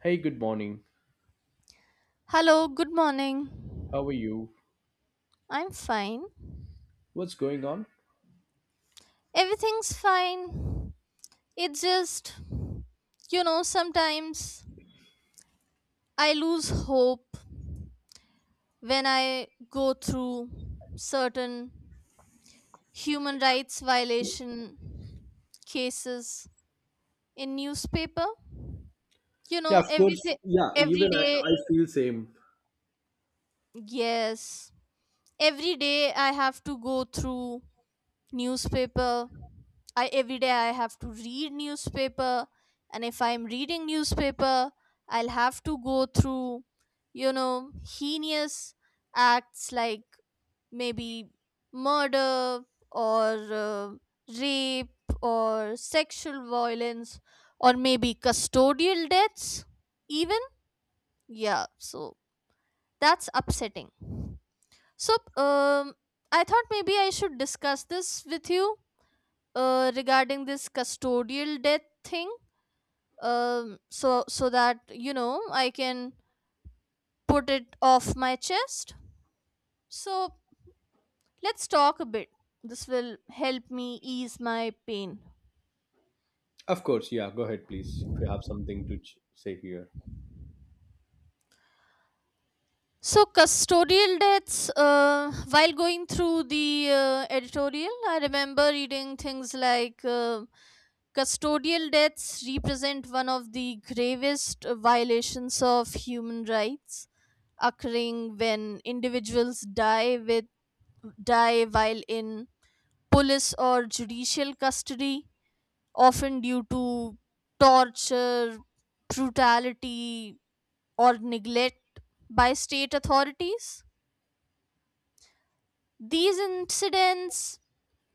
Hey, good morning. Hello, good morning. How are you? I'm fine. What's going on? Everything's fine. It's just, sometimes I lose hope when I go through certain human rights violation cases in newspaper. Yeah, of course. Everything Yeah, even every day, I feel same. yes. Every day I have to go through newspaper. I Every day I have to read newspaper. And if I'm reading newspaper, I'll have to go through you know heinous acts like maybe murder or rape or sexual violence or maybe custodial deaths even, yeah. So that's upsetting. So I thought maybe I should discuss this with you regarding this custodial death thing. So that I can put it off my chest. So let's talk a bit. This will help me ease my pain. Of course. Yeah, go ahead, please, if you have something to say here. So custodial deaths, while going through the editorial, I remember reading things like, custodial deaths represent one of the gravest violations of human rights, occurring when individuals die while in police or judicial custody, often due to torture, brutality, or neglect by state authorities. These incidents,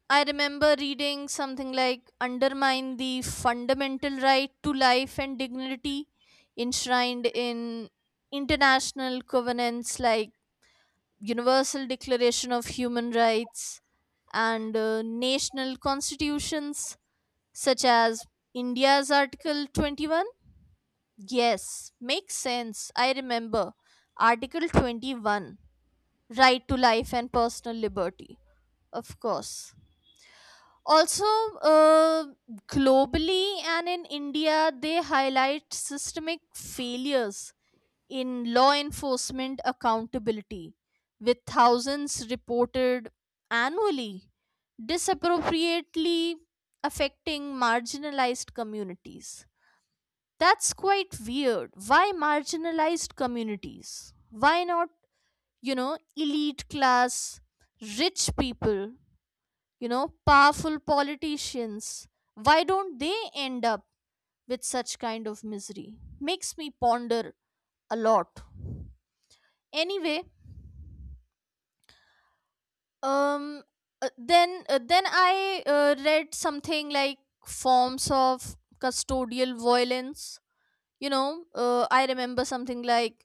I remember reading something like, undermine the fundamental right to life and dignity enshrined in international covenants like Universal Declaration of Human Rights and national constitutions such as India's Article 21. Yes, makes sense. I remember Article 21, right to life and personal liberty, of course. Also, uh, globally and in India, they highlight systemic failures in law enforcement accountability, with thousands reported annually, disappropriately affecting marginalized communities. That's quite weird. Why marginalized communities? Why not, elite class, rich people, powerful politicians? Why don't they end up with such kind of misery? Makes me ponder a lot. Anyway, um then I read something like forms of custodial violence. I remember something like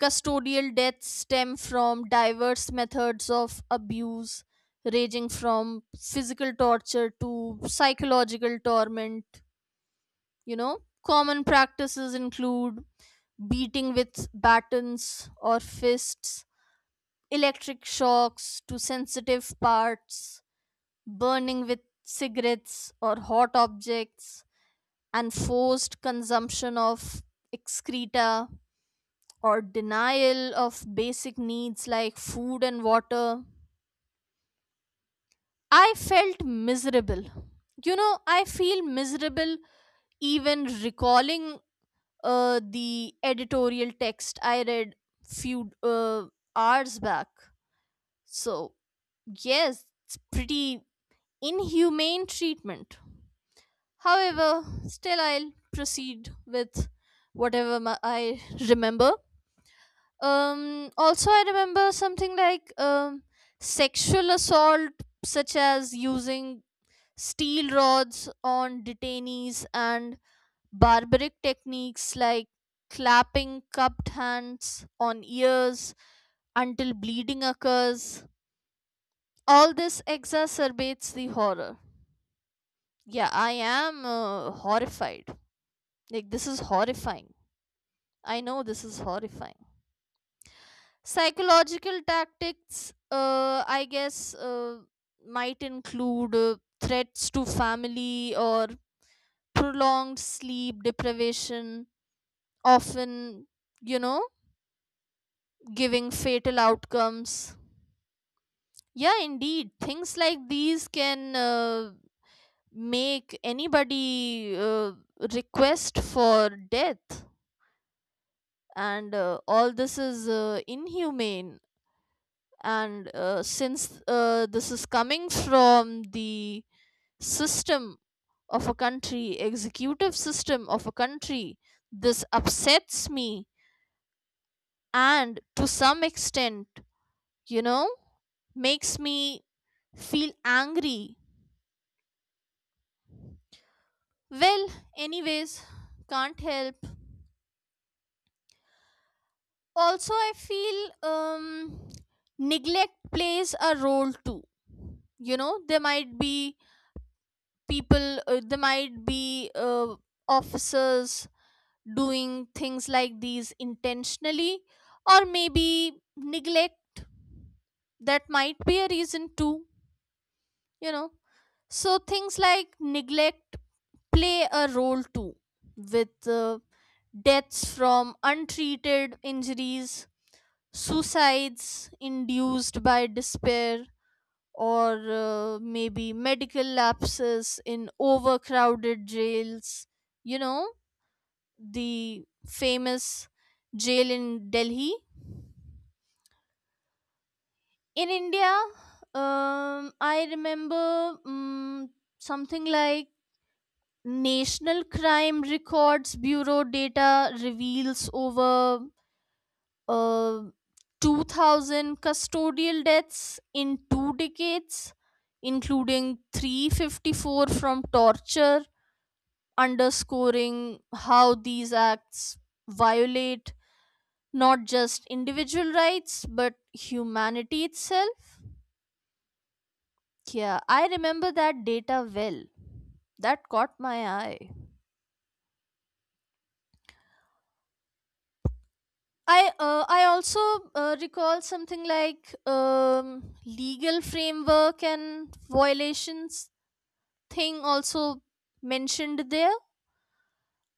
custodial deaths stem from diverse methods of abuse, ranging from physical torture to psychological torment. You know common practices include beating with batons or fists, electric shocks to sensitive parts, burning with cigarettes or hot objects, and forced consumption of excreta or denial of basic needs like food and water. I felt miserable. I feel miserable even recalling the editorial text I read few hours back. So, yes, it's pretty inhumane treatment. However, still I'll proceed with whatever I remember. Also, I remember something like, sexual assault, such as using steel rods on detainees, and barbaric techniques like clapping cupped hands on ears until bleeding occurs. All this exacerbates the horror. Yeah, I am horrified. Like, this is horrifying. I know this is horrifying. Psychological tactics, I guess, might include threats to family or prolonged sleep deprivation, often, you know, giving fatal outcomes. Yeah, indeed. Things like these can make anybody request for death. And all this is inhumane, and since this is coming from the system of a country executive system of a country. This upsets me, and to some extent, you know makes me feel angry. Well, anyways, can't help. Also, I feel, neglect plays a role too. There might be people there might be officers doing things like these intentionally, or maybe neglect. That might be a reason too. you know so things like neglect play a role too, with deaths from untreated injuries, suicides induced by despair, or maybe medical lapses in overcrowded jails. You know, the famous jail in Delhi. In India, I remember, something like National Crime Records Bureau data reveals over uh, 2,000 custodial deaths in two decades, including 354 from torture, underscoring how these acts violate not just individual rights but humanity itself. Yeah, I remember that data well. That caught my eye. I also recall something like, legal framework and violations thing also mentioned there.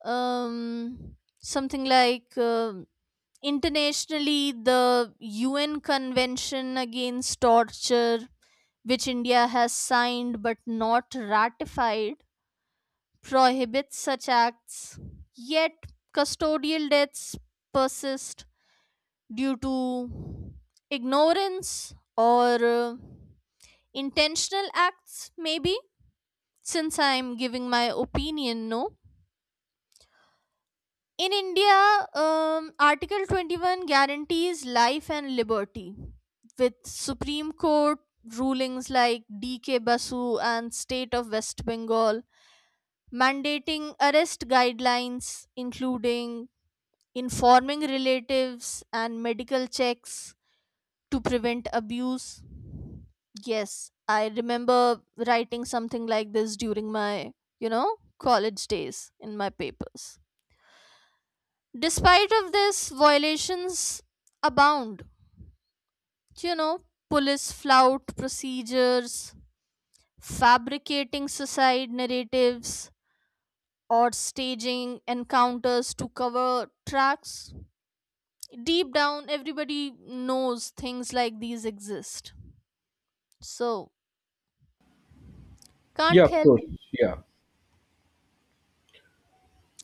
Something like, internationally, the UN Convention Against Torture, which India has signed but not ratified, prohibits such acts. Yet, custodial deaths persist due to ignorance or intentional acts, maybe. Since I'm giving my opinion, no? In India, Article 21 guarantees life and liberty, with Supreme Court rulings like DK Basu and State of West Bengal mandating arrest guidelines, including informing relatives and medical checks to prevent abuse. Yes, I remember writing something like this during my, college days in my papers. Despite of this, violations abound. You know, police flout procedures, fabricating suicide narratives, or staging encounters to cover tracks. Deep down, everybody knows things like these exist. So Yeah, can't of help. course. Yeah.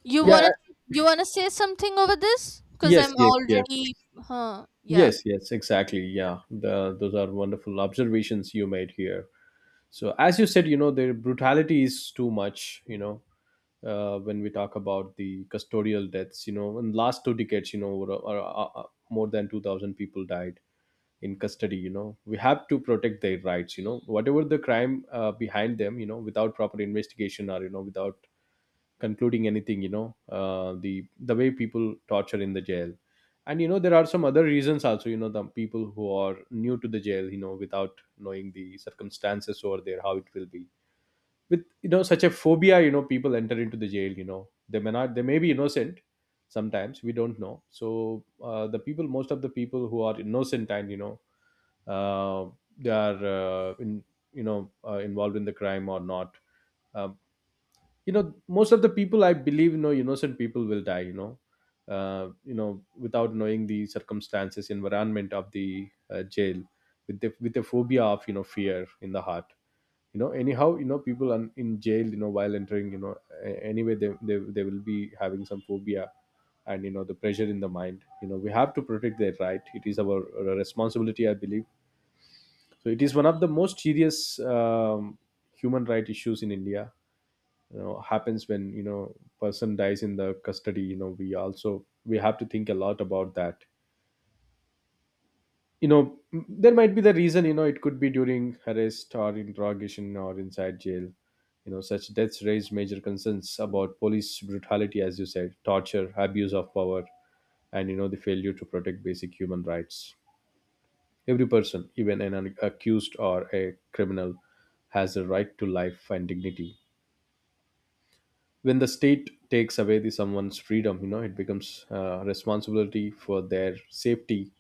You Yeah. wanna you wanna say something over this? Cause Yes, I'm yes, yes. already, yeah. Yes, yes, exactly. Yeah. Those are wonderful observations you made here. So, as you said, the brutality is too much, when we talk about the custodial deaths, in last 2 decades, more than 2,000 people died in custody. We have to protect their rights, whatever the crime behind them, without proper investigation, or without concluding anything. The way people torture in the jail, and there are some other reasons also. The people who are new to the jail, without knowing the circumstances over there, how it will be with, such a phobia, people enter into the jail. You know they may not they may be innocent. Sometimes we don't know. So the people most of the people who are innocent and uh, they are in, involved in the crime or not. Um, you know most of the people, I believe, innocent people will die, without knowing the circumstances, environment of the jail, with the phobia of, fear in the heart. Anyhow, people are in jail, while entering, anyway, they will be having some phobia, and the pressure in the mind. We have to protect their right. It is our responsibility, I believe. So it is one of the most serious human right issues in India. Happens when, person dies in the custody. We also we have to think a lot about that. There might be the reason. It could be during arrest or interrogation or inside jail. Such deaths raise major concerns about police brutality, as you said, torture, abuse of power, and the failure to protect basic human rights. Every person, even an accused or a criminal, has a right to life and dignity. When the state takes away the someone's freedom, it becomes responsibility for their safety.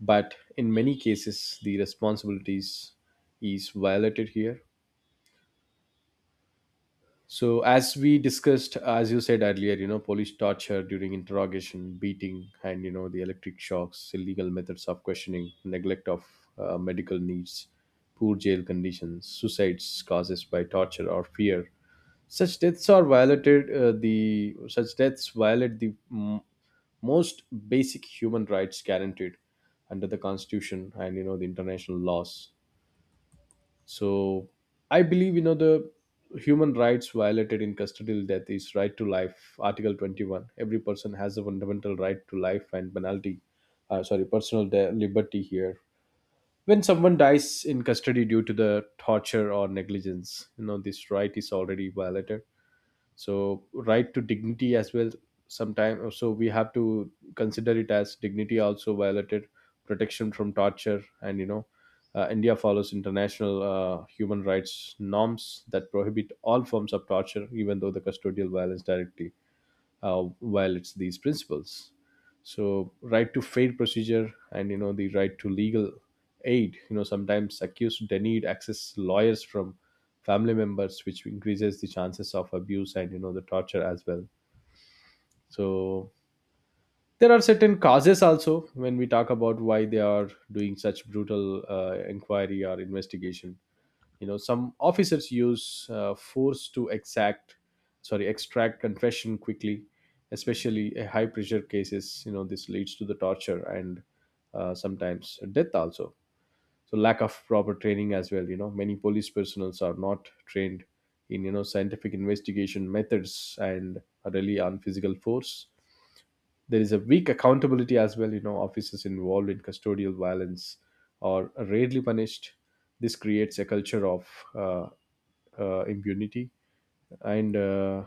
But in many cases, the responsibilities is violated here. So, as we discussed, as you said earlier, police torture during interrogation, beating, and the electric shocks, illegal methods of questioning, neglect of medical needs, poor jail conditions, suicides causes by torture or fear. Such deaths are violated. The such deaths violate the most basic human rights guaranteed under the Constitution and the international laws. So I believe the human rights violated in custodial death is right to life, Article 21. Every person has a fundamental right to life and penalty, sorry, personal liberty here. When someone dies in custody due to the torture or negligence, this right is already violated. So right to dignity as well. Sometimes, so we have to consider it as dignity also violated. Protection from torture and India follows international human rights norms that prohibit all forms of torture, even though the custodial violence directly violates these principles. So right to fair procedure and the right to legal aid. Sometimes accused denied access to lawyers from family members, which increases the chances of abuse and the torture as well. So there are certain causes also when we talk about why they are doing such brutal inquiry or investigation. Some officers use force to exact, sorry, extract confession quickly, especially in high pressure cases. This leads to the torture and sometimes death also. So lack of proper training as well. Many police personnels are not trained in scientific investigation methods and rely on physical force. There is a weak accountability as well. You know, officers involved in custodial violence are rarely punished. This creates a culture of uh, impunity and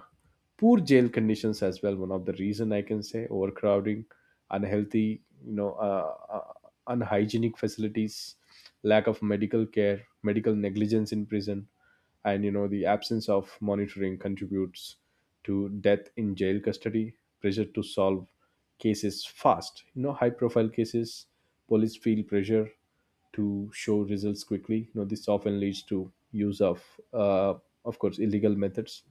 poor jail conditions as well. One of the reason I can say, overcrowding, unhealthy, you know, uh, uh, unhygienic facilities, lack of medical care, medical negligence in prison, and the absence of monitoring contributes to death in jail custody. Pressure to solve cases fast, high profile cases, police feel pressure to show results quickly. This often leads to use uh, of course illegal methods.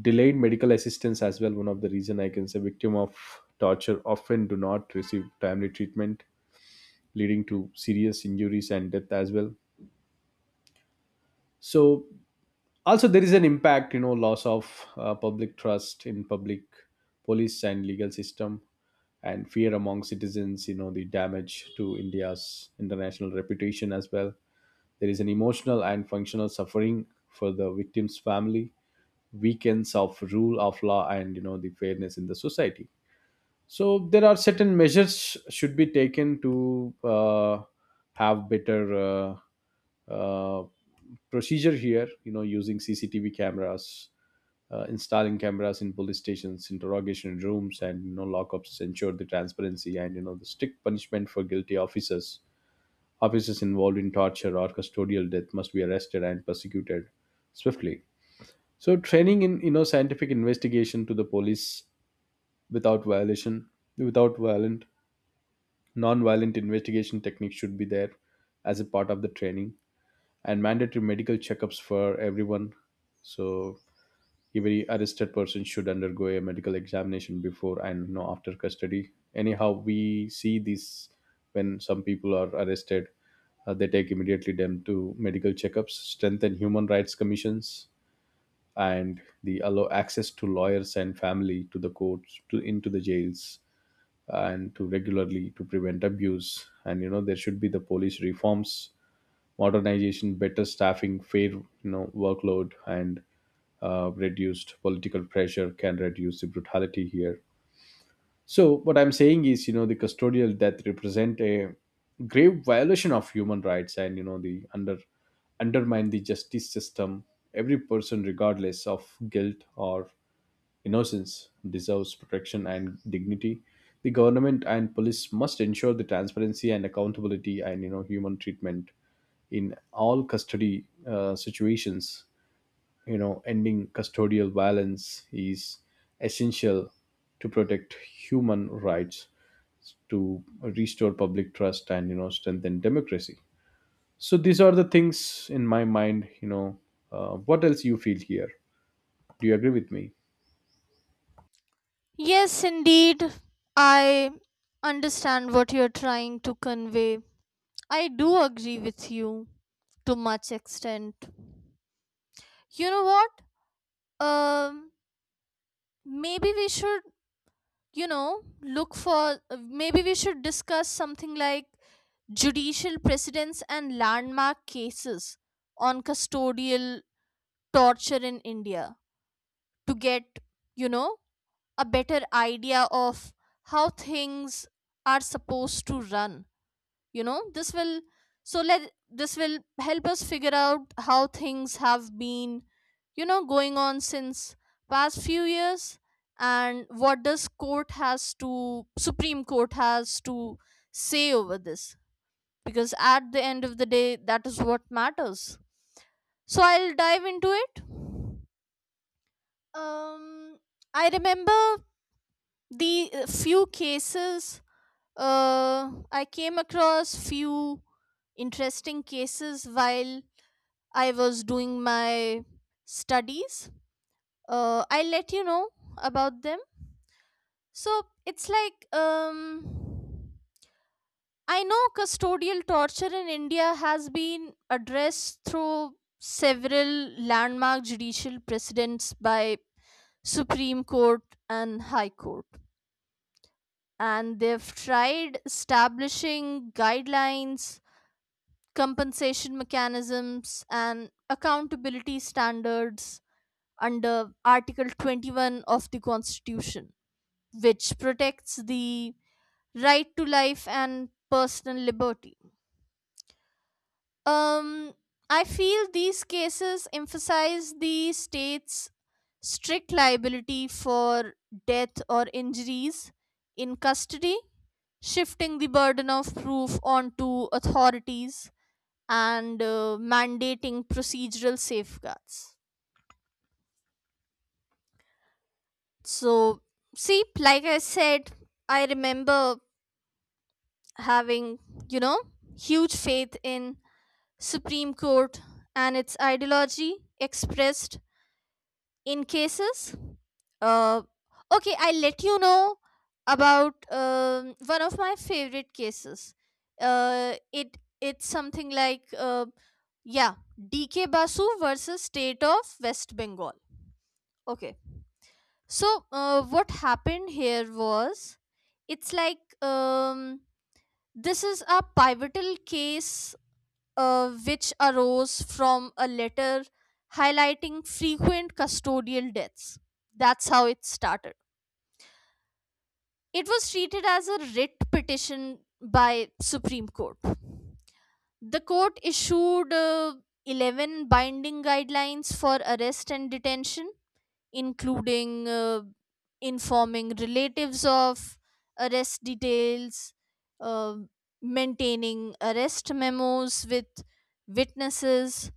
Delayed medical assistance as well. One of the reason I can say, victim of torture often do not receive timely treatment, leading to serious injuries and death as well. So also there is an impact. Loss of public trust in public, police and legal system, and fear among citizens. The damage to India's international reputation as well. There is an emotional and functional suffering for the victim's family, weakens of rule of law and the fairness in the society. So there are certain measures should be taken to have better uh, uh, procedure here. Using CCTV cameras, installing cameras in police stations, interrogation rooms, and lockups ensure the transparency and the strict punishment for guilty officers. Officers involved in torture or custodial death must be arrested and prosecuted swiftly. So training in scientific investigation to the police, without violation, without violent, non-violent investigation techniques should be there as a part of the training, and mandatory medical checkups for everyone. So every arrested person should undergo a medical examination before and, after custody. Anyhow, we see this when some people are arrested, they take immediately them to medical checkups. Strengthen human rights commissions, and they allow access to lawyers and family to the courts to into the jails and to regularly to prevent abuse. And there should be the police reforms, modernization, better staffing, fair, workload, and reduced political pressure can reduce the brutality here. So what I'm saying is, the custodial death represent a grave violation of human rights, and you know, the under undermine the justice system. Every person, regardless of guilt or innocence, deserves protection and dignity. The government and police must ensure the transparency and accountability and human treatment in all custody situations. You know, ending custodial violence is essential to protect human rights, to restore public trust, and strengthen democracy. So these are the things in my mind. What else you feel here? Do you agree with me? Yes, indeed. I understand what you're trying to convey. I do agree with you to much extent. You know what? Um, maybe we should, look for, maybe we should discuss something like judicial precedents and landmark cases on custodial torture in India to get, you know, a better idea of how things are supposed to run. you know this will so let this will help us figure out how things have been going on since past few years, and what does court has to Supreme Court has to say over this, because at the end of the day that is what matters. So I'll dive into it. um I remember the few cases. I came across few interesting cases while I was doing my studies. I'll let you know about them. So it's like, I know custodial torture in India has been addressed through several landmark judicial precedents by Supreme Court and High Court, and they've tried establishing guidelines, compensation mechanisms, and accountability standards under Article 21 of the Constitution, which protects the right to life and personal liberty. Um, I feel these cases emphasize the state's strict liability for death or injuries in custody, shifting the burden of proof onto authorities and mandating procedural safeguards. So, see, like I said, I remember having, you know, huge faith in Supreme Court and its ideology expressed in cases. Uh, okay, I'll let you know about one of my favorite cases. It's something like, yeah, DK Basu versus State of West Bengal. Okay. So, what happened here was, it's like, this is a pivotal case which arose from a letter highlighting frequent custodial deaths. That's how it started. It was treated as a writ petition by Supreme Court. The court issued 11 binding guidelines for arrest and detention, including informing relatives of arrest details, uh, maintaining arrest memos with witnesses,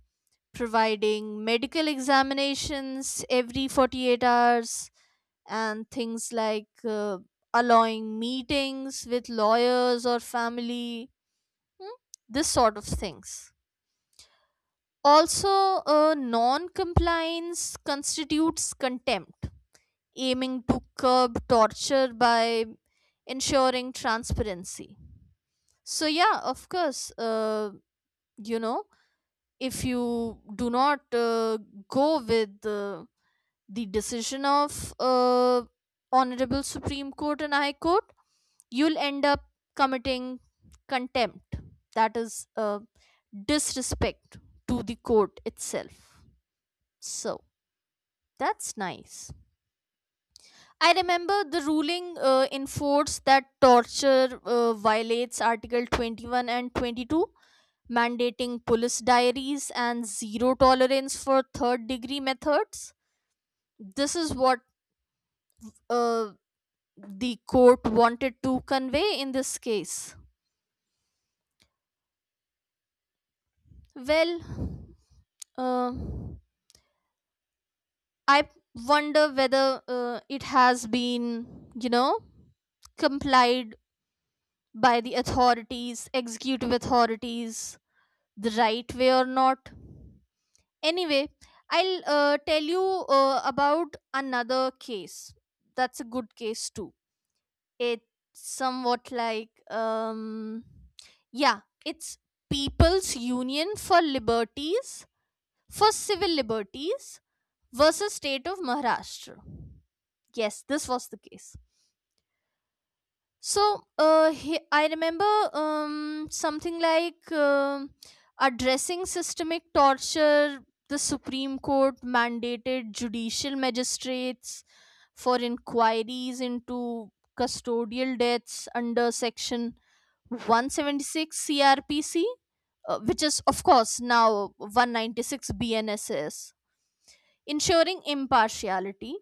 providing medical examinations every 48 hours, and things like allowing meetings with lawyers or family, hmm, this sort of things. Also, non compliance constitutes contempt, aiming to curb torture by ensuring transparency. So, yeah, of course, you know, if you do not go with the decision of Honorable Supreme Court and High Court, you'll end up committing contempt. That is disrespect to the court itself. So, that's nice. I remember the ruling in force that torture violates Article 21 and 22, mandating police diaries and zero tolerance for third degree methods. This is what uh, the court wanted to convey in this case. Well, uh, I wonder whether it has been, complied by the authorities, executive authorities, the right way or not. Anyway, I'll tell you about another case. That's a good case too. It's somewhat like, yeah, it's People's Union for Civil Liberties versus State of Maharashtra. Yes, this was the case. So I remember, something like, addressing systemic torture, the Supreme Court mandated judicial magistrates for inquiries into custodial deaths under Section 176 CRPC, which is, of course, now 196 BNSS, ensuring impartiality.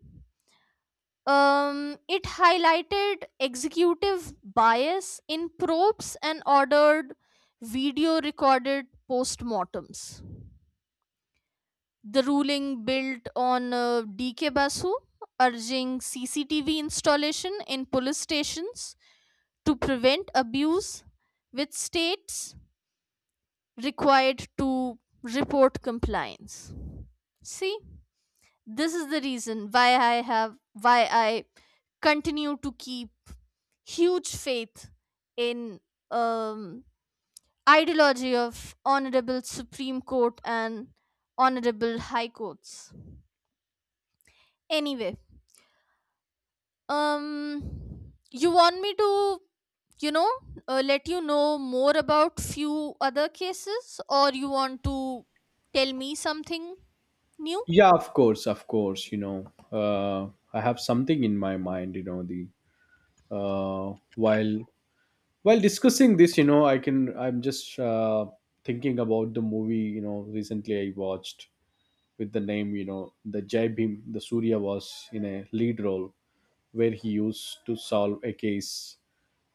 It highlighted executive bias in probes and ordered video recorded postmortems. The ruling built on DK Basu, urging CCTV installation in police stations to prevent abuse, with states required to report compliance. See, this is the reason why I have why I continue to keep huge faith in, um, ideology of Honorable Supreme Court and Honorable High Courts. Anyway, you want me to, you know let you know more about few other cases, or you want to tell me something new? Yeah, of course, of course. I have something in my mind. You know, the uh, while while discussing this, I'm just thinking about the movie. Recently I watched with the name. The Jai Bhim. The Surya was in a lead role where he used to solve a case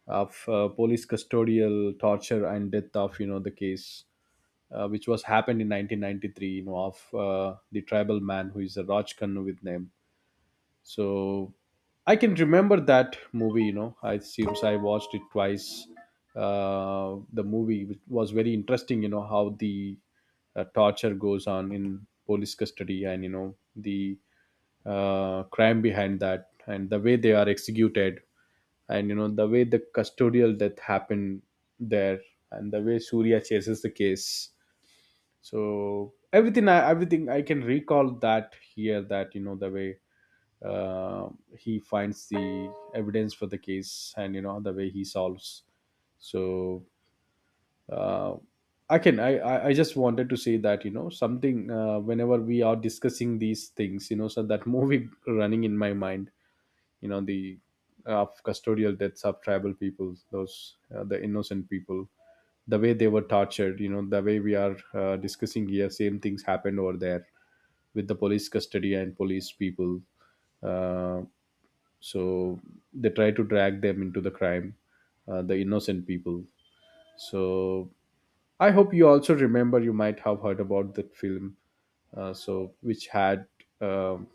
of police custodial torture and death of, the case, which was happened in 1993, of the tribal man who is a Rajkanu with name. So I can remember that movie. I seems I watched it twice. The movie which was very interesting. How the torture goes on in police custody and the crime behind that, and the way they are executed, and the way the custodial death happened there, and the way Surya chases the case. So everything I can recall that here, that, the way uh, he finds the evidence for the case, and the way he solves. So uh, I can I just wanted to say that, something whenever we are discussing these things, so that movie running in my mind. You know the of custodial deaths of tribal people, those the innocent people, the way they were tortured. The way we are discussing here, same things happened over there with the police custody and police people. Uh, so they try to drag them into the crime, the innocent people. So I hope you also remember, you might have heard about that film, so which had um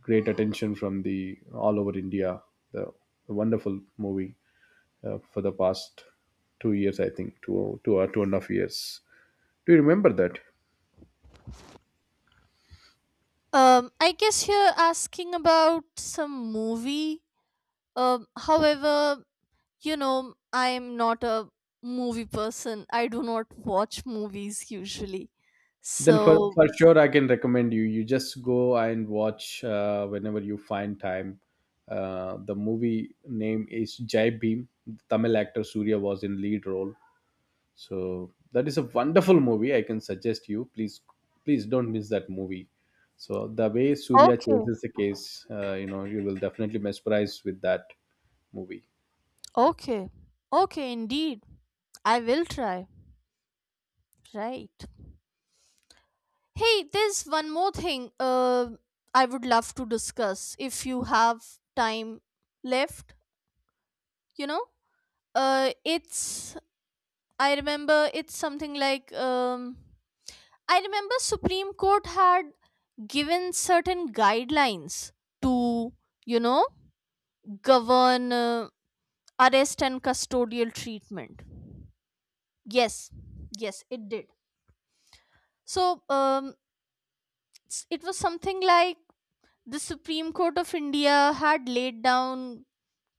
great attention from the all over India, the wonderful movie for the past 2 years, I think two or two and a half years. Do you remember that? I guess you're asking about some movie. However, I'm not a movie person. I do not watch movies usually. So, Then for sure, I can recommend you. You just go and watch whenever you find time. The movie name is Jai Bhim. The Tamil actor Surya was in lead role. So that is a wonderful movie. I can suggest you. Please, please don't miss that movie. So the way Surya okay, chases the case, you will definitely mesmerize with that movie. okay, okay, indeed. I will try. Right. Hey, there's one more thing I would love to discuss if you have time left, you know? Uh, it's, I remember it's something like, I remember Supreme Court had given certain guidelines to, you know, govern arrest and custodial treatment. Yes, yes, it did. So it was something like, the Supreme Court of India had laid down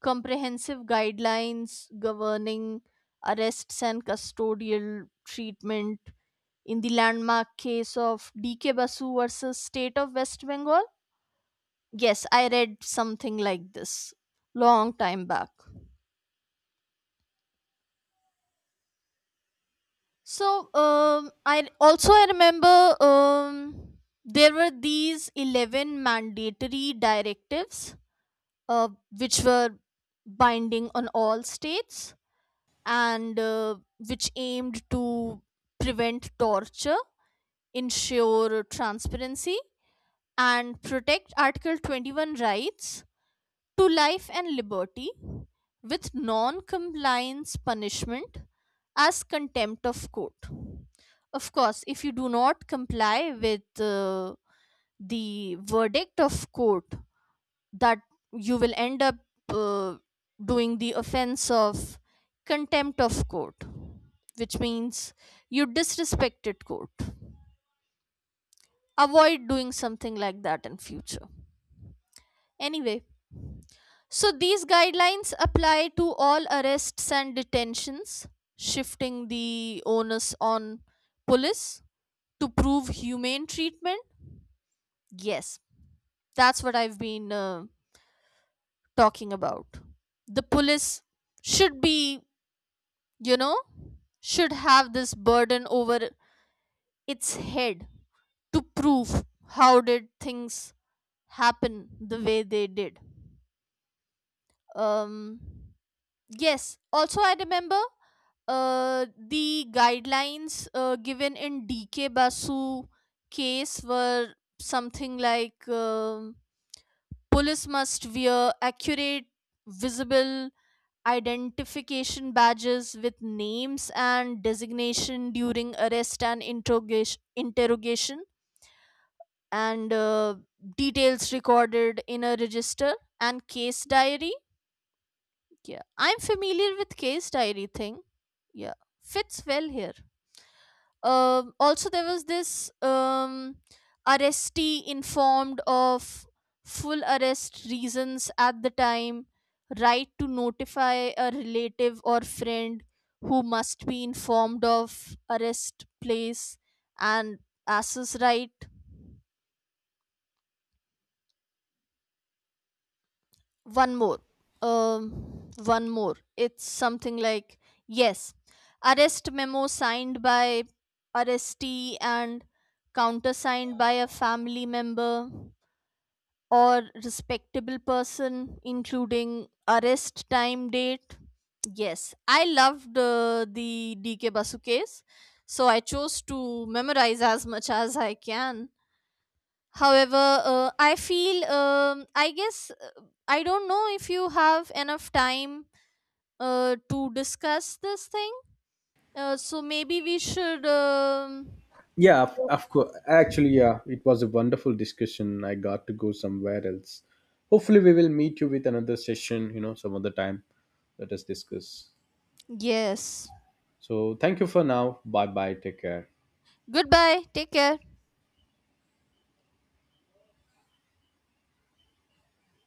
comprehensive guidelines governing arrests and custodial treatment in the landmark case of DK Basu versus State of West Bengal. Yes, I read something like this long time back. So, I also I remember, there were these 11 mandatory directives, uh, which were binding on all states, and which aimed to prevent torture, ensure transparency, and protect Article 21 rights to life and liberty, with non compliance punishment as contempt of court. Of course, if you do not comply with the verdict of court, that you will end up uh, doing the offense of contempt of court, which means you disrespected court. Avoid doing something like that in future. Anyway, so these guidelines apply to all arrests and detentions, shifting the onus on police to prove humane treatment. Yes, that's what I've been talking about. The police should be, you know, should have this burden over its head to prove how did things happen the way they did. Um Yes. Also, I remember the guidelines given in DK Basu case were something like, police must wear accurate, visible identification badges with names and designation during arrest and interrogation, and details recorded in a register and case diary. Yeah, I'm familiar with case diary thing. Yeah, fits well here. Also, there was this, arrestee informed of full arrest reasons at the time, right to notify a relative or friend who must be informed of arrest place, and ass's right, one more one more, it's something like, yes, arrest memo signed by arrestee and countersigned by a family member or respectable person, including arrest time date. Yes, I loved the DK Basu case, so I chose to memorize as much as I can. However, I feel, I guess, I don't know if you have enough time to discuss this thing. So maybe we should. Yeah, of course. Actually, yeah, it was a wonderful discussion. I got to go somewhere else. Hopefully, we will meet you with another session, some other time. Let us discuss. Yes. So, thank you for now. Bye bye. Take care. Goodbye. Take care.